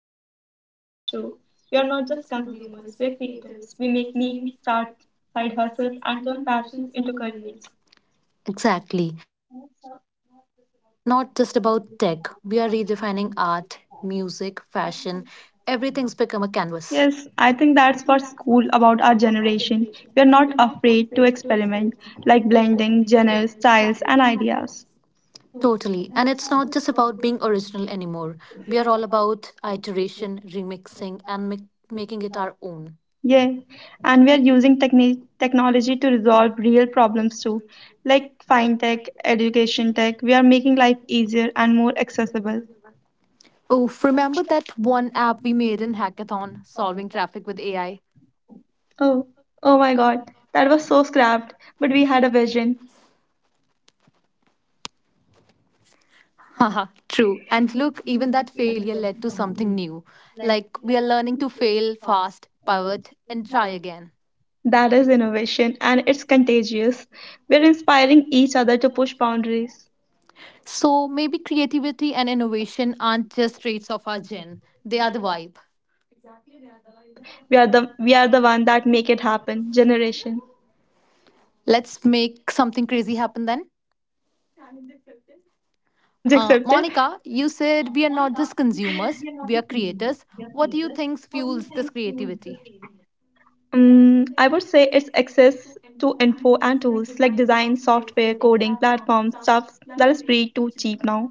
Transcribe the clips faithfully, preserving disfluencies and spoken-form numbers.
life, you know? Oh, that's true. We are not just consumers, we're creators. We make memes, start side hustles, and turn passions into careers. Exactly. And it's so- not just about tech. We are redefining art, music, fashion. Everything's become a canvas. Yes, I think that's what's cool about our generation. We are not afraid to experiment, like blending genres, styles, and ideas. Totally. And it's not just about being original anymore. We are all about iteration, remixing, and mi- making it our own. Yeah, and we are using techni- technology to resolve real problems too, like fintech, education tech. We are making life easier and more accessible. Oh, remember that one app we made in Hackathon, solving traffic with A I? Oh, oh my god, that was so scrapped, but we had a vision. Haha, true. And look, even that failure led to something new. Like we are learning to fail fast, pivot, and try again. That is innovation and it's contagious. We're inspiring each other to push boundaries. So maybe creativity and innovation aren't just traits of our gen, they are the vibe. Exactly, they are the vibe. We are the we are the one that make it happen. Generation Let's make something crazy happen then. challenge accepted. Uh, Monica, you said we are not just consumers, we are creators. What do you think fuels this creativity? Mm, I would say it's access to info and tools like design, software, coding, platforms, stuff that is free to cheap now.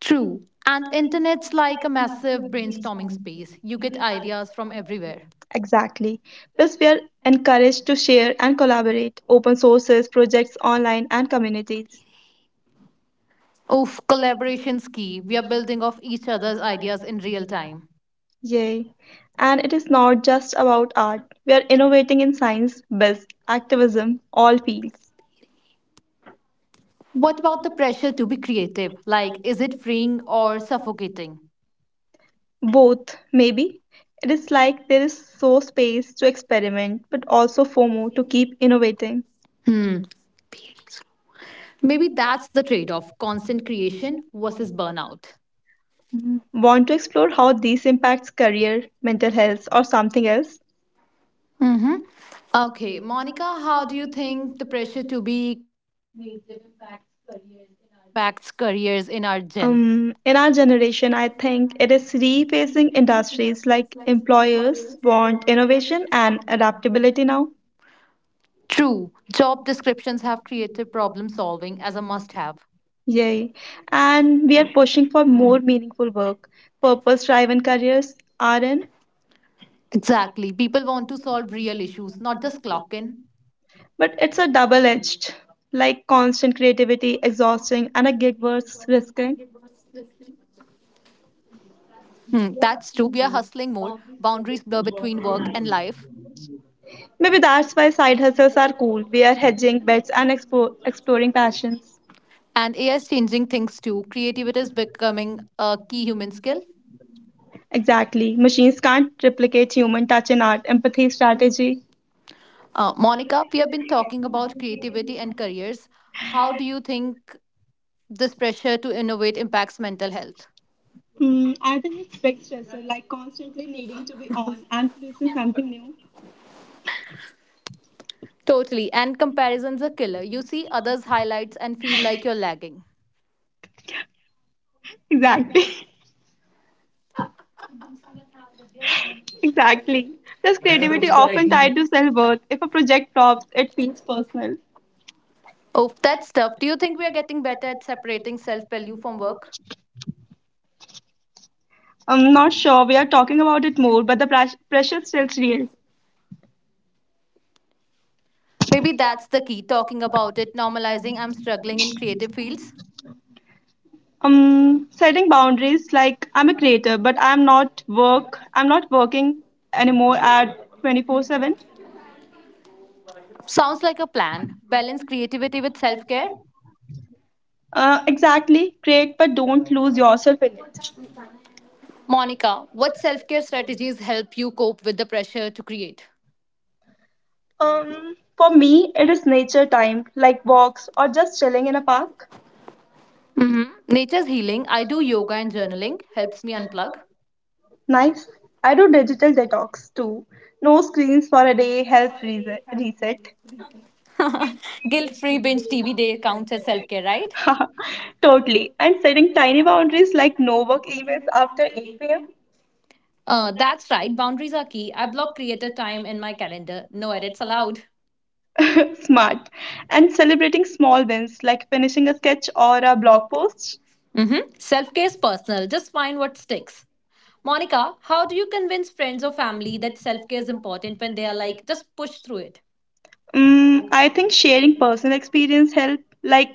True. And internet's like a massive brainstorming space. You get ideas from everywhere. Exactly. Plus, we are encouraged to share and collaborate. Open sources, projects online, and communities. Oof, collaboration's key. We are building off each other's ideas in real time. Yay. And it is not just about art. We are innovating in science, biz, activism, all fields. What about the pressure to be creative? Like, is it freeing or suffocating? Both, maybe. It is like there is so space to experiment, but also FOMO to keep innovating. Maybe that's the trade off constant creation versus burnout. Mhm. Want to explore how these impacts career, mental health, or something else? Mm-hmm. Okay, Monica, how do you think the pressure to be creative impacts careers in our gen? Um, in our generation, I think it is replacing industries like employers want innovation and adaptability now. True, job descriptions have creative problem solving as a must have. Yay. And we are pushing for more meaningful work. Purpose driven careers are Exactly. People want to solve real issues, not just clock in. but it's a double edged, like constant creativity, exhausting, and a gig worth risking. Hmm, that's true. We are hustling more. Boundaries blur between work and life. Maybe that's why side hustles are cool. We are hedging bets and expo- exploring passions. And A I is changing things too. Creativity is becoming a key human skill. Exactly. Machines can't replicate human touch in art, empathy, strategy. Uh, Monica, we have been talking about creativity and careers. How do you think this pressure to innovate impacts mental health? Hmm, I think it's big stressor, like constantly needing to be on and producing something new. Totally. And comparisons are killer. You see others' highlights and feel like you're lagging. Exactly. Exactly. Plus, creativity often tied to self worth. If a project flops, it feels personal. Oh, that's tough. Do you think we are getting better at separating self value from work? I'm not sure we are talking about it more, but the pres- pressure still real. Maybe that's the key, talking about it, normalizing I'm struggling in creative fields. Um, setting boundaries like I'm a creator, but I'm not work. I'm not working anymore at twenty-four seven. Sounds like a plan. Balance creativity with self care. Uh, exactly. Create, but don't lose yourself in it. Monica, what self care strategies help you cope with the pressure to create? Um, for me, it is nature time, like walks or just chilling in a park. Hmm, nature's healing. I do yoga and journaling, helps me unplug. Nice. I do digital detox too. No screens for a day helps rese- reset. Guilt free binge T V day counts as self care, right? Totally. And setting tiny boundaries like no work emails after 8 Uh, that's right, boundaries are key. I block creator time in my calendar. No edits allowed. pm. Smart. And celebrating small wins like finishing a sketch or a blog post. Mm-hmm. Self care is personal, just find what sticks. Monica, how do you convince friends or family that self care is important when they are like, just push through it? Mm, I think sharing personal experience help like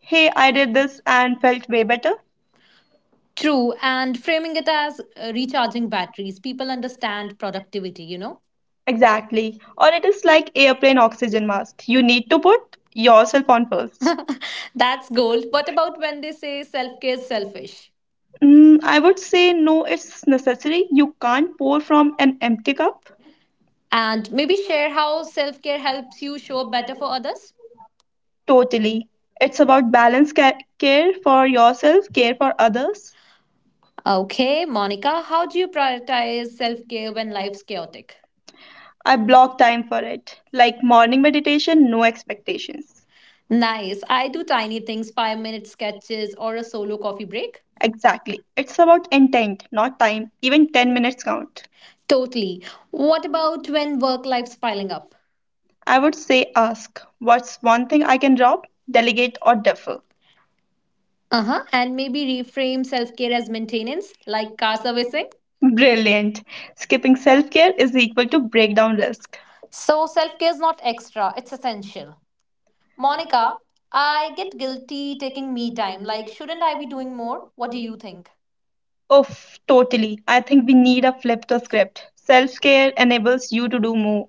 hey, I did this and felt way better. True, and framing it as uh, recharging batteries, people understand productivity, you know? Exactly. Or it is like airplane oxygen mask. You need to put yourself on first. That's gold. What about when they say self care is selfish? Mm, I would say no, it's necessary. You can't pour from an empty cup And maybe share how self care helps you show up better for others? totally. It's about balance, ca- care for yourself, care for others. Okay, Monica, how do you prioritize self care when life's chaotic? I block time for it. Like morning meditation, no expectations. Nice. I do tiny things, five minute sketches, or a solo coffee break. Exactly. It's about intent, not time. Even ten minutes count. Totally. What about when work life's piling up? I would say ask, what's one thing I can drop, delegate, or defer? Uh huh. And maybe reframe self care as maintenance, like car servicing. Brilliant. Skipping self care is equal to breakdown risk. So self care is not extra, it's essential. Monica, I get guilty taking me time. Like, shouldn't I be doing more? What do you think? Oof, totally. I think we need a flip the script. Self care enables you to do more.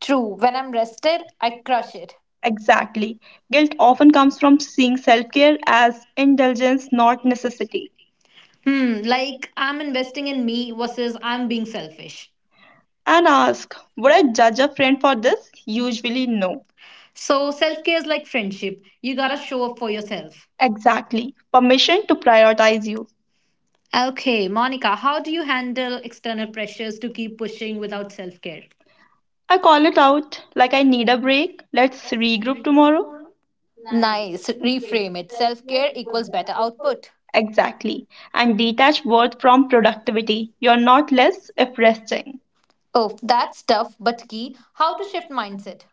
True, when I'm rested, I crush it. Exactly. Guilt often comes from seeing self care as indulgence, not necessity. Hmm, like I'm investing in me versus I'm being selfish. And ask, would I judge a friend for this? Usually, no. So self care is like friendship. You gotta show up for yourself. Exactly. Permission to prioritize you. Okay, Monica, how do you handle external pressures to keep pushing without self care? I call it out like I need a break. Let's regroup tomorrow. Nice. Reframe it. Self care equals better output. Exactly. And detach worth from productivity. You're not less if resting. Oh, that's tough but key. How to shift mindset.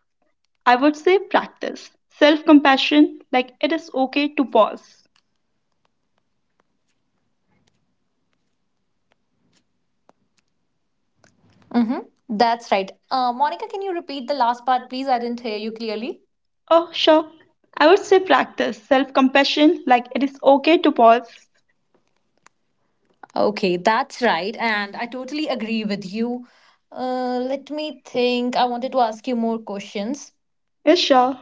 I would say practice. Self compassion, like it is okay to pause. Mm-hmm. That's right. Uh, Monica, can you repeat the last part, please? I didn't hear you clearly. Oh, sure. I would say practice. Self compassion, like it is okay to pause. Okay, that's right. And I totally agree with you. Uh, let me think. I wanted to ask you more questions. Yes, sure.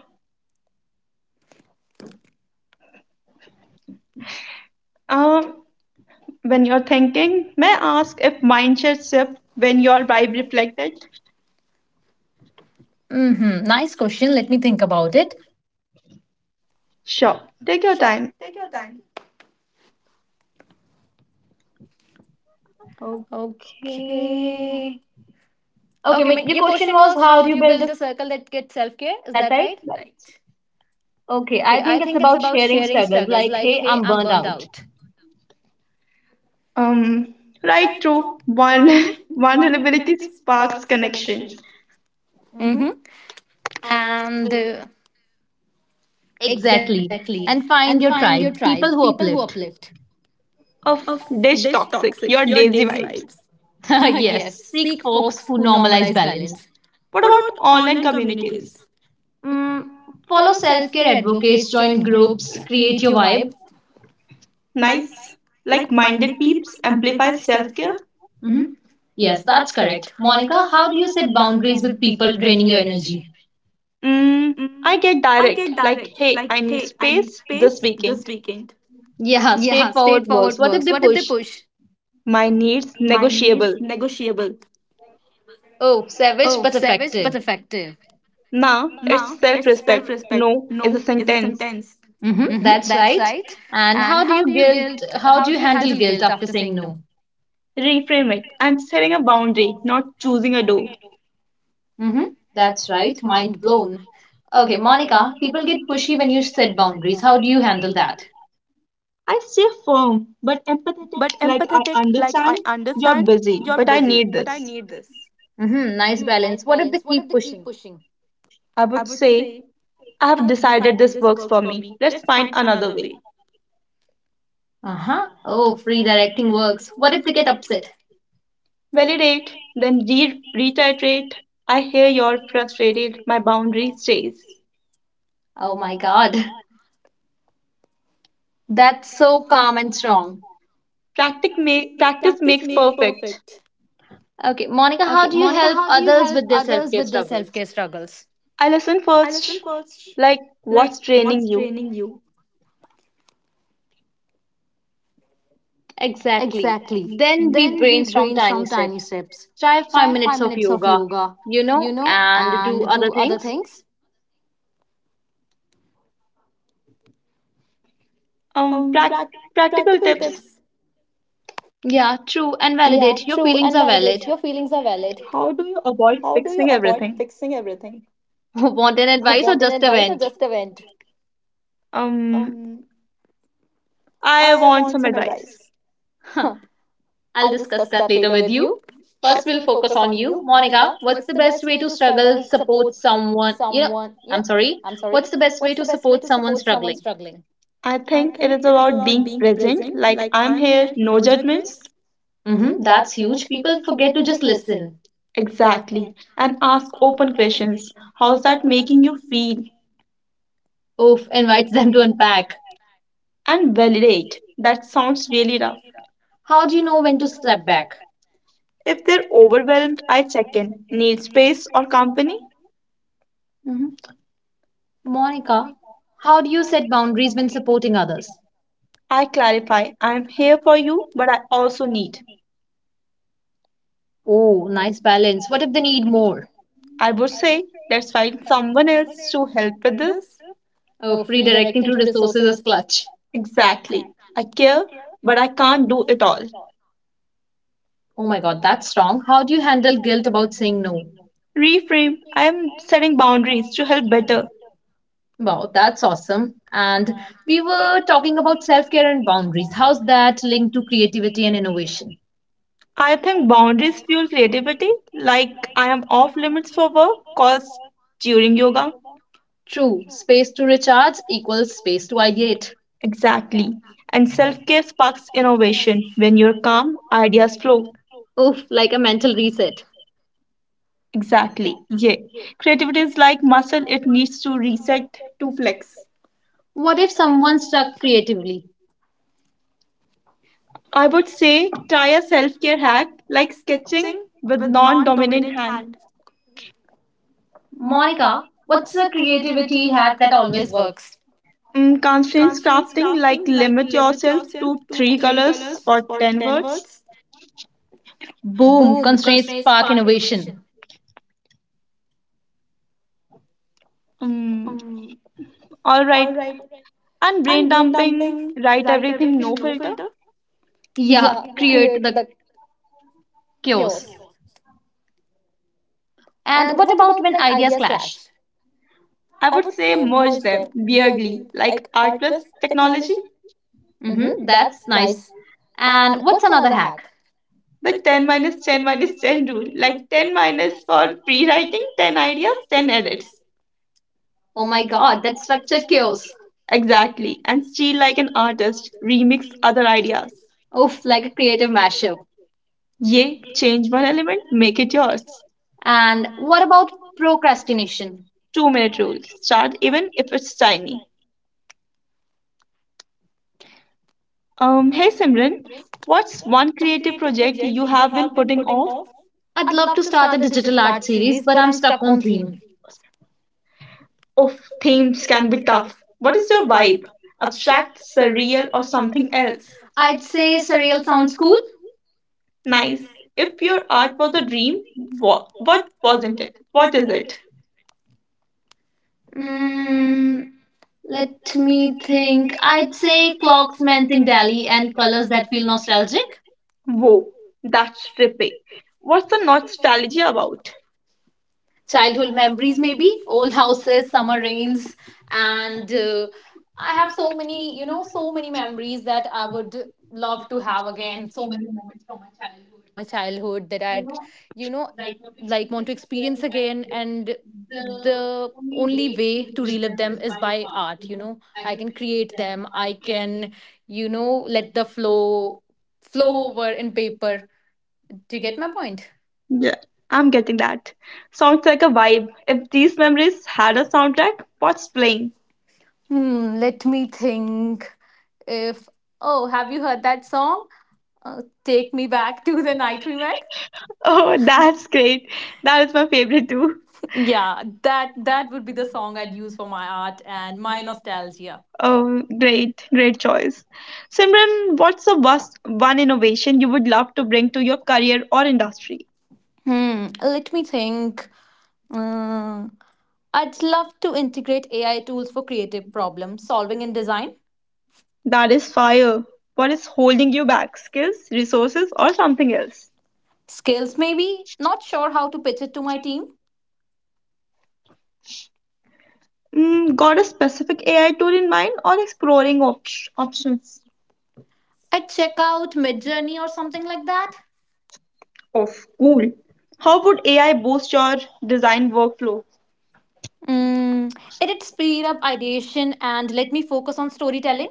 Um, when you're thinking, may I ask if mind shift when your vibe reflected? Mm-hmm. Nice question. Let me think about it. Sure. Take your time. Okay. Okay, ma- your question was how do you build a circle that gets self care? Is that right? Okay, I think it's about sharing struggles like, hey, I'm burnt out. Um, right through one vulnerability sparks connection. Mm-hmm. And uh, Exactly. And find your tribe, people who uplift. Of dish toxic, your lazy vibes. Yes, seek folks who normalize balance. What about online communities? Follow self care advocates, join groups, create your vibe. Nice. Like minded peeps amplify self care. Yes, that's correct. Monica, how do you set boundaries with people draining your energy? Mm, I get direct, like, hey, I need space this weekend. Yeah, straightforward works. What if they push? My needs negotiable. Oh, savage but effective. Nah, it's self respect. No is a sentence. Mm-hmm, that's right. And how do you guilt? How do you handle guilt after saying no? Reframe it. I'm setting a boundary, not choosing a door. Mm-hmm. That's right. Mind blown. Okay, Monica, people get pushy when you set boundaries. How do you handle that? I stay firm, but like I understand you're busy, but I need this. Mm-hmm. Nice balance. What if they keep pushing? I would say, I have decided this works for me. Let's find another way. Uh huh. Oh, free directing works. What if they get upset? Validate, then re- reiterate. I hear you're frustrated. My boundary stays. Oh my God. That's so calm and strong. Practice, ma- practice makes perfect. Okay, Monica, how do you help others with their self care struggles? I listen first. Like, what's draining you? Exactly. Then we brainstorm tiny steps. Try five minutes of yoga, you know, and do other things. Um, prac- Practical tips. Yeah, true and validate. Your feelings are valid. How do you avoid fixing everything? Want an advice or just a vent? Um, I want some advice. Huh, I'll discuss that later with you. First, we'll focus on you. Monica, what's the best way to struggle, support someone? You know, I'm sorry. What's the best way to support someone struggling? I think it is about being present. Like, I'm here. No judgments. Mm-hmm, that's huge. People forget to just listen. Exactly. And ask open questions. How's that making you feel? Oof, invites them to unpack. And validate. That sounds really rough. How do you know when to step back? If they're overwhelmed, I check in. Need space or company? Hmm. Monica, how do you set boundaries when supporting others? I clarify, I'm here for you, but I also need. Oh, nice balance. What if they need more? I would say, let's find someone else to help with this. Oh, redirecting to resources is clutch. Exactly. I care, but I can't do it all. Oh my god, that's strong. How do you handle guilt about saying no? Reframe, I'm setting boundaries to help better. Wow, that's awesome. And we were talking about self care and boundaries. How's that linked to creativity and innovation? I think boundaries fuel creativity, like I am off limits for work calls during yoga. True, space to recharge equals space to ideate. Exactly. And self care sparks innovation. When you're calm, ideas flow. Oof, like a mental reset. Exactly. Yeah. Creativity is like muscle, it needs to reset to flex. What if someone stuck creatively? I would say try a self care hack like sketching with non dominant hand. Monica, what's a creativity hack that always works? Mm, constraints crafting like limit yourself to three colors or ten words. Boom, constraints spark innovation. Mm, all right. And brain dumping, write everything, no filter. Yeah, create the chaos. And what about when ideas clash? I would say merge them weirdly, like art plus technology. Mm-hmm, that's nice. And what's another hack? The ten minus ten minus ten rule, like ten minus for free writing, ten ideas, ten edits. Oh my god, that's structured chaos. Exactly. And steal like an artist, remix other ideas. Oof, like a creative mashup. Yay, change one element, make it yours. And what about procrastination? Two minute rule, start even if it's tiny. Um, hey Simran, what's one creative project you have been putting off? I'd love to start a digital art series, but I'm stuck on theme. Of themes can be tough. What is your vibe? Abstract, surreal, or something else. I'd say surreal sounds cool. Nice. If your art was a dream, what, what wasn't it? What is it? Mm, let me think. I'd say clocks melting dally and colors that feel nostalgic. Whoa, that's trippy. What's the nostalgia about? Childhood memories, maybe old houses, summer rains, and uh, I have so many, you know, so many memories that I would love to have again, so many moments from my childhood that I'd, you know, like want to experience again. And the only way to relive them is by art, you know. I can create them. I can You know, let the flow flow over in paper. Do you get my point? Yeah, I'm getting that. Sounds like a vibe. If these memories had a soundtrack, what's playing? Hmm, let me think. If Oh, have you heard that song? Uh, Take me back to the night we met. Oh, that's great. That is my favorite too. Yeah, that that would be the song I'd use for my art and my nostalgia. Oh, great, great choice. Simran, what's the worst one innovation you would love to bring to your career or industry? Hmm, let me think. Mm, I'd love to integrate A I tools for creative problem solving and design. That is fire. What is holding you back? Skills, resources, or something else? Skills maybe, not sure how to pitch it to my team. Mm, got a specific A I tool in mind or exploring op- options? I'd check out Midjourney or something like that. Of cool. How would A I boost your design workflow? Mm, it'd speed up ideation and let me focus on storytelling.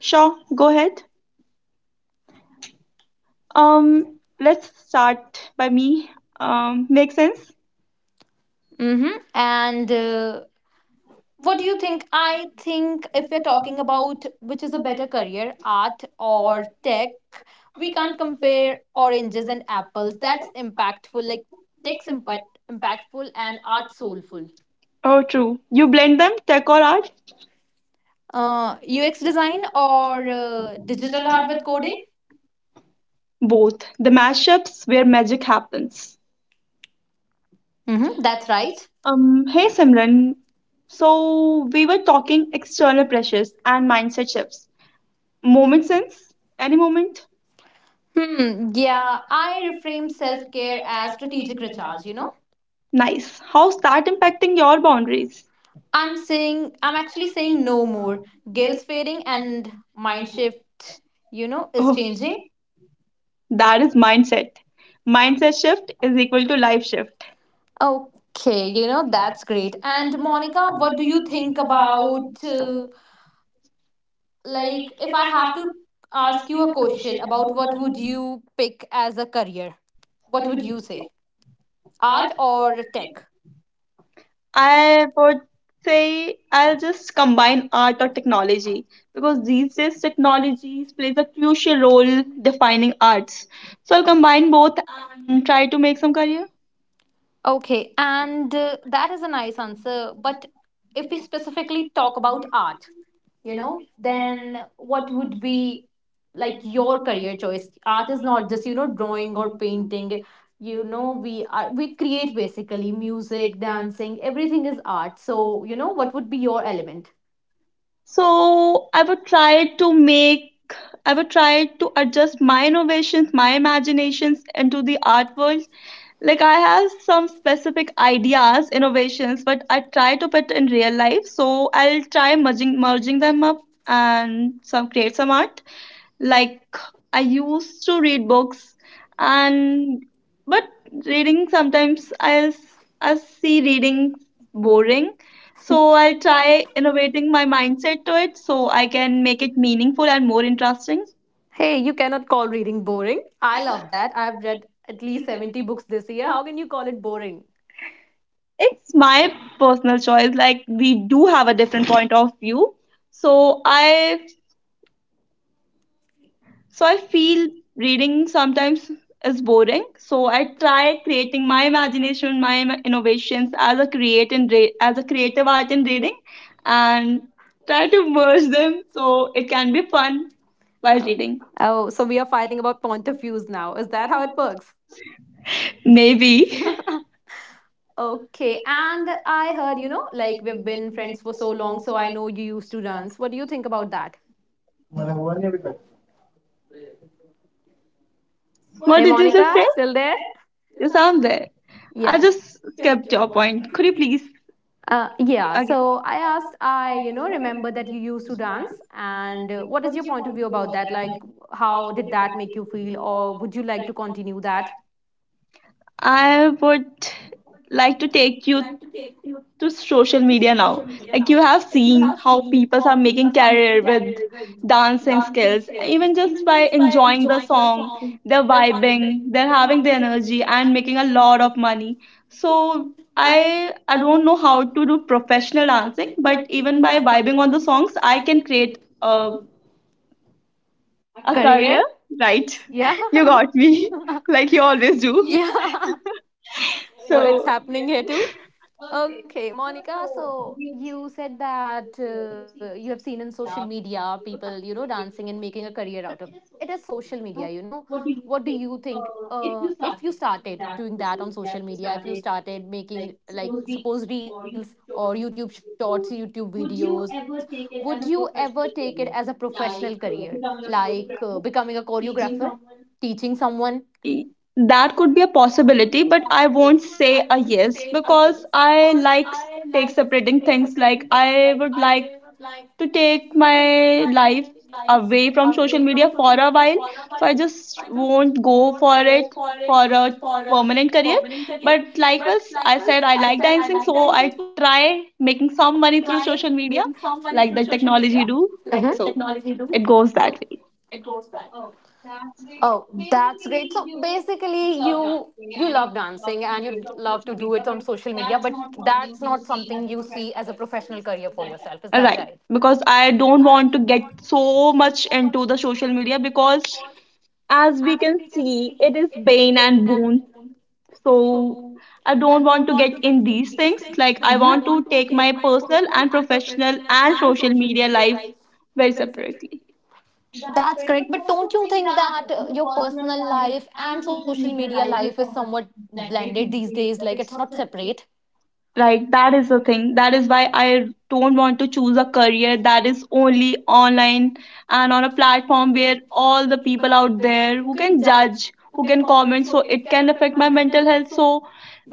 Sure, go ahead. Um, let's start by me. Um, make sense? Mm-hmm. And uh, what do you think? I think if we're talking about which is a better career, art or tech, we can't compare oranges and apples. That's impactful. Like tech's impact impactful and art soulful. Oh, true. You blend them, tech or art? Uh, U X design or uh, digital art with coding? Both. The mashups where magic happens. Mm-hmm. That's right. Um, hey Simran, so we were talking external pressures and mindset shifts. Moment sense? Any moment? Hmm. Yeah, I reframe self care as strategic recharge, you know. Nice. How's that impacting your boundaries? I'm saying I'm actually saying no more. Guilt's fading and mind shift, you know, is Oh, changing. that is mindset. Mindset shift is equal to life shift. Okay, you know, that's great. And Monica, what do you think about uh, like if I have to ask you a question about what would you pick as a career? What would you say? Art or tech? I would say I'll just combine art or technology because these days technologies plays a crucial role defining arts. So I'll combine both and try to make some career. Okay, and uh, that is a nice answer. But if we specifically talk about art, you know, then what would be like your career choice? Art is not just, you know, drawing or painting. You know, we are we create basically music, dancing, everything is art. So, you know, what would be your element? So I would try to make, I would try to adjust my innovations, my imaginations into the art world. Like I have some specific ideas, innovations, but I try to put in real life. So I'll try merging merging them up and some create some art like I used to read books and but reading sometimes i s- I see reading boring, so I'll try innovating my mindset to it so I can make it meaningful and more interesting. Hey, you cannot call reading boring. I love that. I've read at least seventy books this year. How can you call it boring? It's my personal choice, like we do have a different point of view, so i So I feel reading sometimes is boring. So I try creating my imagination, my im- innovations as a create and re- as a creative art in reading, and try to merge them so it can be fun while reading. Oh, so we are fighting about point of views now. Is that how it works? Maybe. Okay, and I heard, you know, like we've been friends for so long, so I know you used to dance. What do you think about that? What Hey, did you just Monica, say? still there? You sound there. I Yeah. just skipped your point. Could you please? Uh, yeah, so I asked, I, you know, remember that you used to dance, and uh, what is your point of view about that? Like, how did that make you feel, or would you like to continue that? I would like to take you to social media now. Like you have seen how people are making career with dancing skills, even just by enjoying the song, they're vibing, they're having the energy and making a lot of money. So I I don't know how to do professional dancing, but even by vibing on the songs, I can create a A a career. career? Right, Yeah. you got me, like you always do. Yeah. So it's So happening here too. Okay, Monica, so you said that uh, you have seen in social media people, you know, dancing and making a career out of it. But it is social media, you know. What do you think uh, if you started doing that on social media, if you started making, like, suppose reels or YouTube shorts, YouTube videos, would you ever take it as a professional career? Like uh, becoming a choreographer, teaching someone? E- that could be a possibility but I won't say a yes because I like s- take separating things, like I would like to take my life away from social media for a while, so I just won't go for it for a permanent career. But likewise I said I like dancing, so I try making some money through social media like the technology do. So it goes that way. Oh, that's great. So basically you you love dancing and you love to do it on social media, but that's not something you see as a professional career for yourself. Is that right? Right, because I don't want to get so much into the social media, because as we can see it is bane and boon. So I don't want to get in these things, like I want to take my personal and professional and social media life very separately. That's correct. But don't you think that uh, your personal life and social media life is somewhat blended these days? Like it's not separate? Right, that is the thing. That is why I don't want to choose a career that is only online and on a platform where all the people out there who can judge, who can comment, so it can affect my mental health. So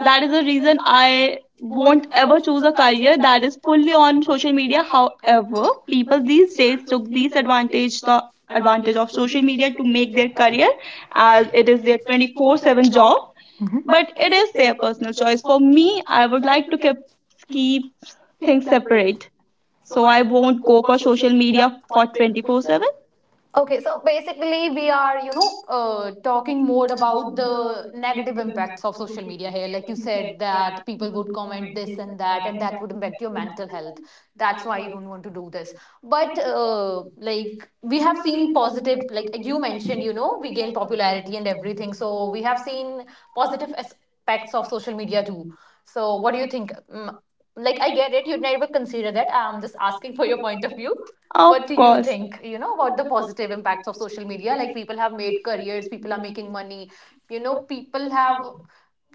that is the reason I won't ever choose a career that is fully on social media. However, people these days took this advantage, the advantage of social media to make their career as it is their twenty-four seven job, but it is their personal choice. For me, I would like to keep keep things separate. So I won't go for social media for twenty-four seven. Okay, so basically, we are, you know, uh, talking more about the negative impacts of social media here. Like you said, that people would comment this and that, and that would impact your mental health. That's why you don't want to do this. But, uh, like, we have seen positive, like you mentioned, you know, we gain popularity and everything. So, we have seen positive aspects of social media too. So, what do you think? Mm, like I get it. You'd never consider that. I'm just asking for your point of view. What do Of you course. think? You know about the positive impacts of social media? Like people have made careers, people are making money. You know, people have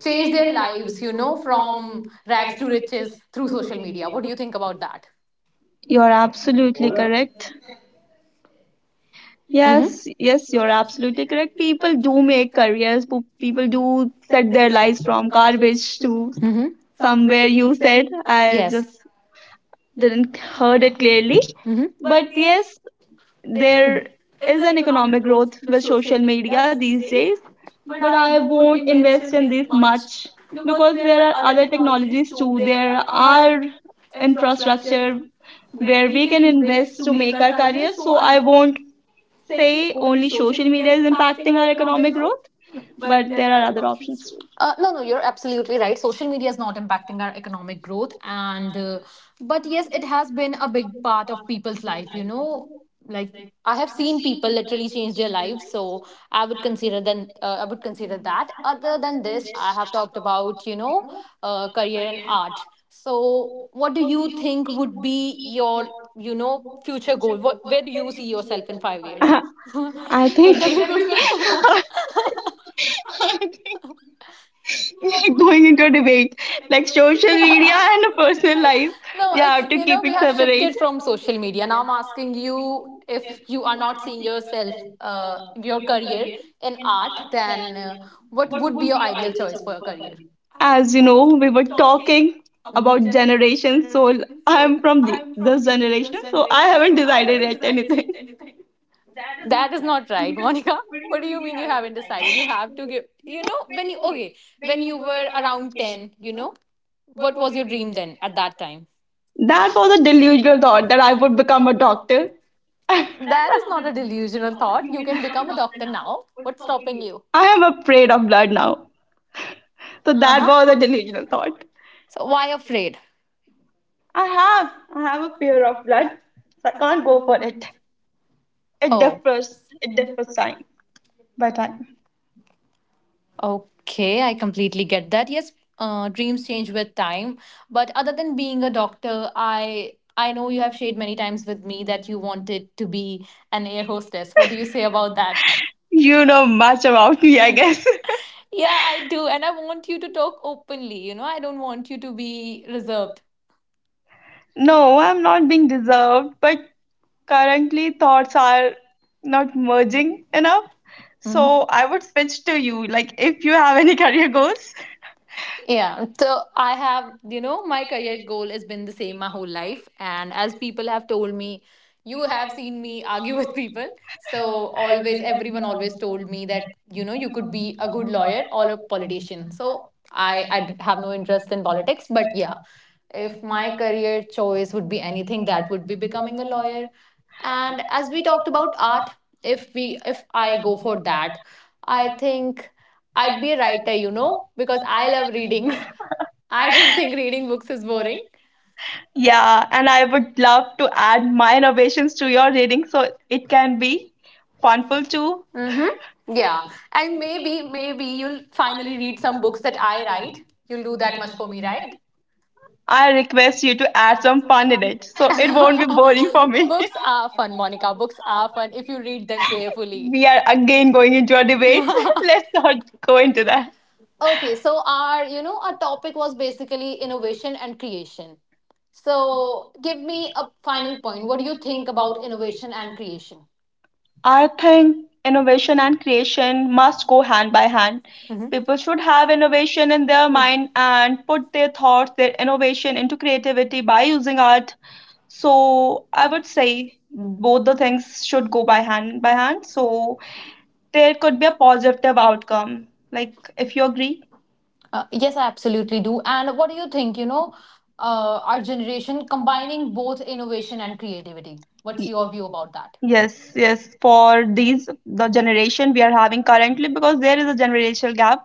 changed their lives. You know, from rags to riches through social media. What do you think about that? You're absolutely correct. Yes, yes, you're absolutely correct. People do make careers. po- People do set their lives from garbage to Mm-hmm. somewhere Somewhere you you said. said. I... I Yes. just didn't heard it clearly. But yes, there is an economic growth with social media these days, but I won't invest in this much because there are other technologies too. There are infrastructure where we can invest to make our career, so I won't say only social media is impacting our economic growth, but there are other options too. Uh, no, no, you're absolutely right. Social media is not impacting our economic growth, and uh, but yes, it has been a big part of people's life. You know, like I have seen people literally change their lives, so I would consider then uh, I would consider that. Other than this, I have talked about you know uh, career and art. So, what do you think would be your you know future goal? What where do you see yourself in five years? I think Interview question. going into a debate, like social media and a personal life. No, You it's have to you know keep it we have separate. shifted from social media. Now I'm asking you if you are not seeing yourself, uh, your career in art, then uh, what would be your ideal choice for your career? As you know, we were talking about generations, so I i'm from the, this generation, so I haven't decided yet anything. That is not right, Monica. What do you mean you haven't decided? You have to give. You know when you okay when you were around ten, you know what was your dream then at that time? That was a delusional thought that I would become a doctor. That is not a delusional thought. You can become a doctor now. What's stopping you? I am afraid of blood now, so Uh that huh. was a delusional thought. So why afraid? I have. I have a fear of blood. So I can't go for it. It Oh, differs. It differs time by time. okay. I completely get that. Yes, uh, dreams change with time. But other than being a doctor, I I know you have shared many times with me that you wanted to be an air hostess. What do you say about that? You know much about me, I guess. Yeah, I do, and I want you to talk openly. You know, I don't want you to be reserved. No, I'm not being deserved, but currently thoughts are not merging enough. Mhm. So I would switch to you. Like if you have any career goals. Yeah, so I have, you know, my career goal has been the same my whole life. And as people have told me, you have seen me argue with people. So always, everyone always told me that, you know, you could be a good lawyer or a politician. So I, I d- have no interest in politics. But yeah, if my career choice would be anything, that would be becoming a lawyer. And as we talked about art, if we, if I go for that, I think. I'd be a writer, you know, because I love reading. I don't think reading books is boring. Yeah, and I would love to add my innovations to your reading so it can be funful too. Mm-hmm. Yeah. And maybe, maybe you'll finally read some books that I write. You'll do that much for me, right? I request you to add some fun in it so it won't be boring for me. books are fun, Monica. Books are fun if you read them We carefully. are again going into a debate. okay, Let's not go into that. so our, you know, our topic was basically innovation and creation. So give me a final point. What do you think about innovation and creation? I think innovation and creation must go hand by hand. People should have innovation in their mind and put their thoughts, their innovation into creativity by using art. So I would say both the things should go by hand by hand. So there could be a positive outcome. Like if you agree. Uh, yes, I absolutely do. And what do you think, you know, uh, our generation combining both innovation and creativity? Y- What's your view about that? Yes, yes. For these, the generation we are having currently, because there is a generational gap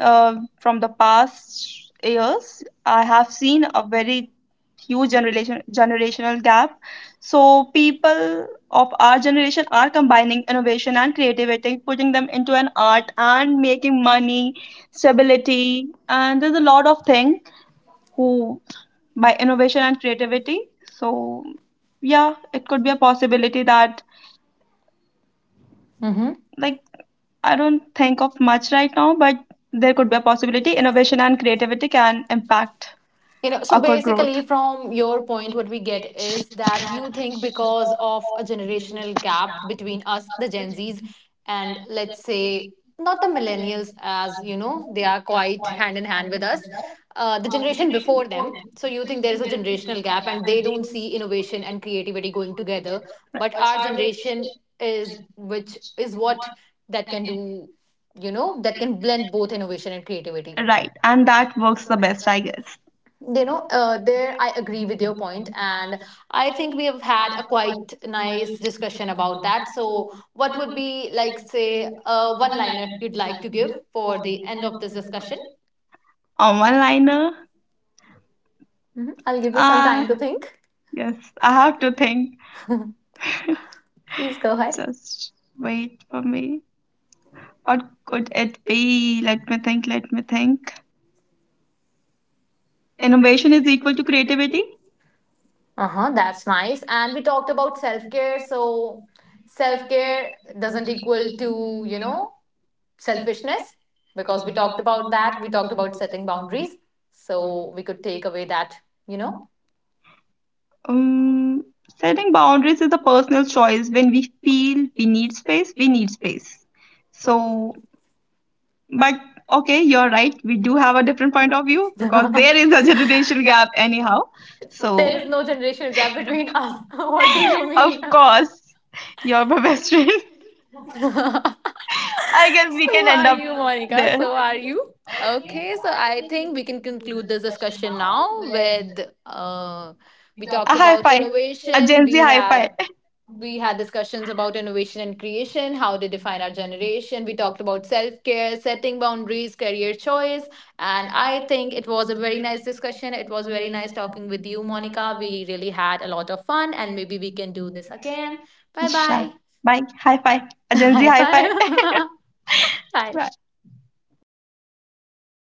uh, from the past years. I have seen a very huge generation generational gap. So people of our generation are combining innovation and creativity, putting them into an art and making money, stability, and there's a lot of things who by innovation and creativity. So, yeah, it could be a possibility that, Mm-hmm. like, I don't think of much right now, but there could be a possibility innovation and creativity can impact You know, a so good growth. basically, from your point, what we get is that you think because of a generational gap between us, the Gen Zs, and let's say not the millennials, as you know, they are quite hand in hand with us, uh, the generation before them. So you think there is a generational gap and they don't see innovation and creativity going together. But our generation is, which is what that can do, you know, that can blend both innovation and creativity. Right, and that works the best, I guess. You know uh, there I agree with your point, and I think we have had a quite nice discussion about that. So what would be, like, say uh, one liner you'd like to give for the end of this discussion? On one liner, Mhm. I'll give you some uh, time to think. yes, I have to think. Please go ahead. Just wait for me. What could it be? Let me think. Let me think. Innovation is equal to creativity. Uh-huh, that's nice. And we talked about self-care, so self-care doesn't equal to, you know, selfishness, because we talked about that. We talked about setting boundaries, so we could take away that, you know. Um, Setting boundaries is a personal choice. When we feel we need space, we need space. So, but okay, you're right. We do have a different point of view because there is a generation gap, anyhow. So So, there is no generational gap between us. What do you of mean? course, you're my best friend. I guess we So can are end up you, Monica? there. So are you? Okay, so I think we can conclude this discussion now with uh, we talked A high about five. A innovation. Gen Z We high five. Had we had discussions about innovation and creation, how they define our generation. We talked about self care, setting boundaries, career choice, and I think it was a very nice discussion. It was very nice talking with you, Monica. We really had a lot of fun, and maybe we can do this again. Bye Sure. bye. Bye, high five, अजंजी High high five five. Bye.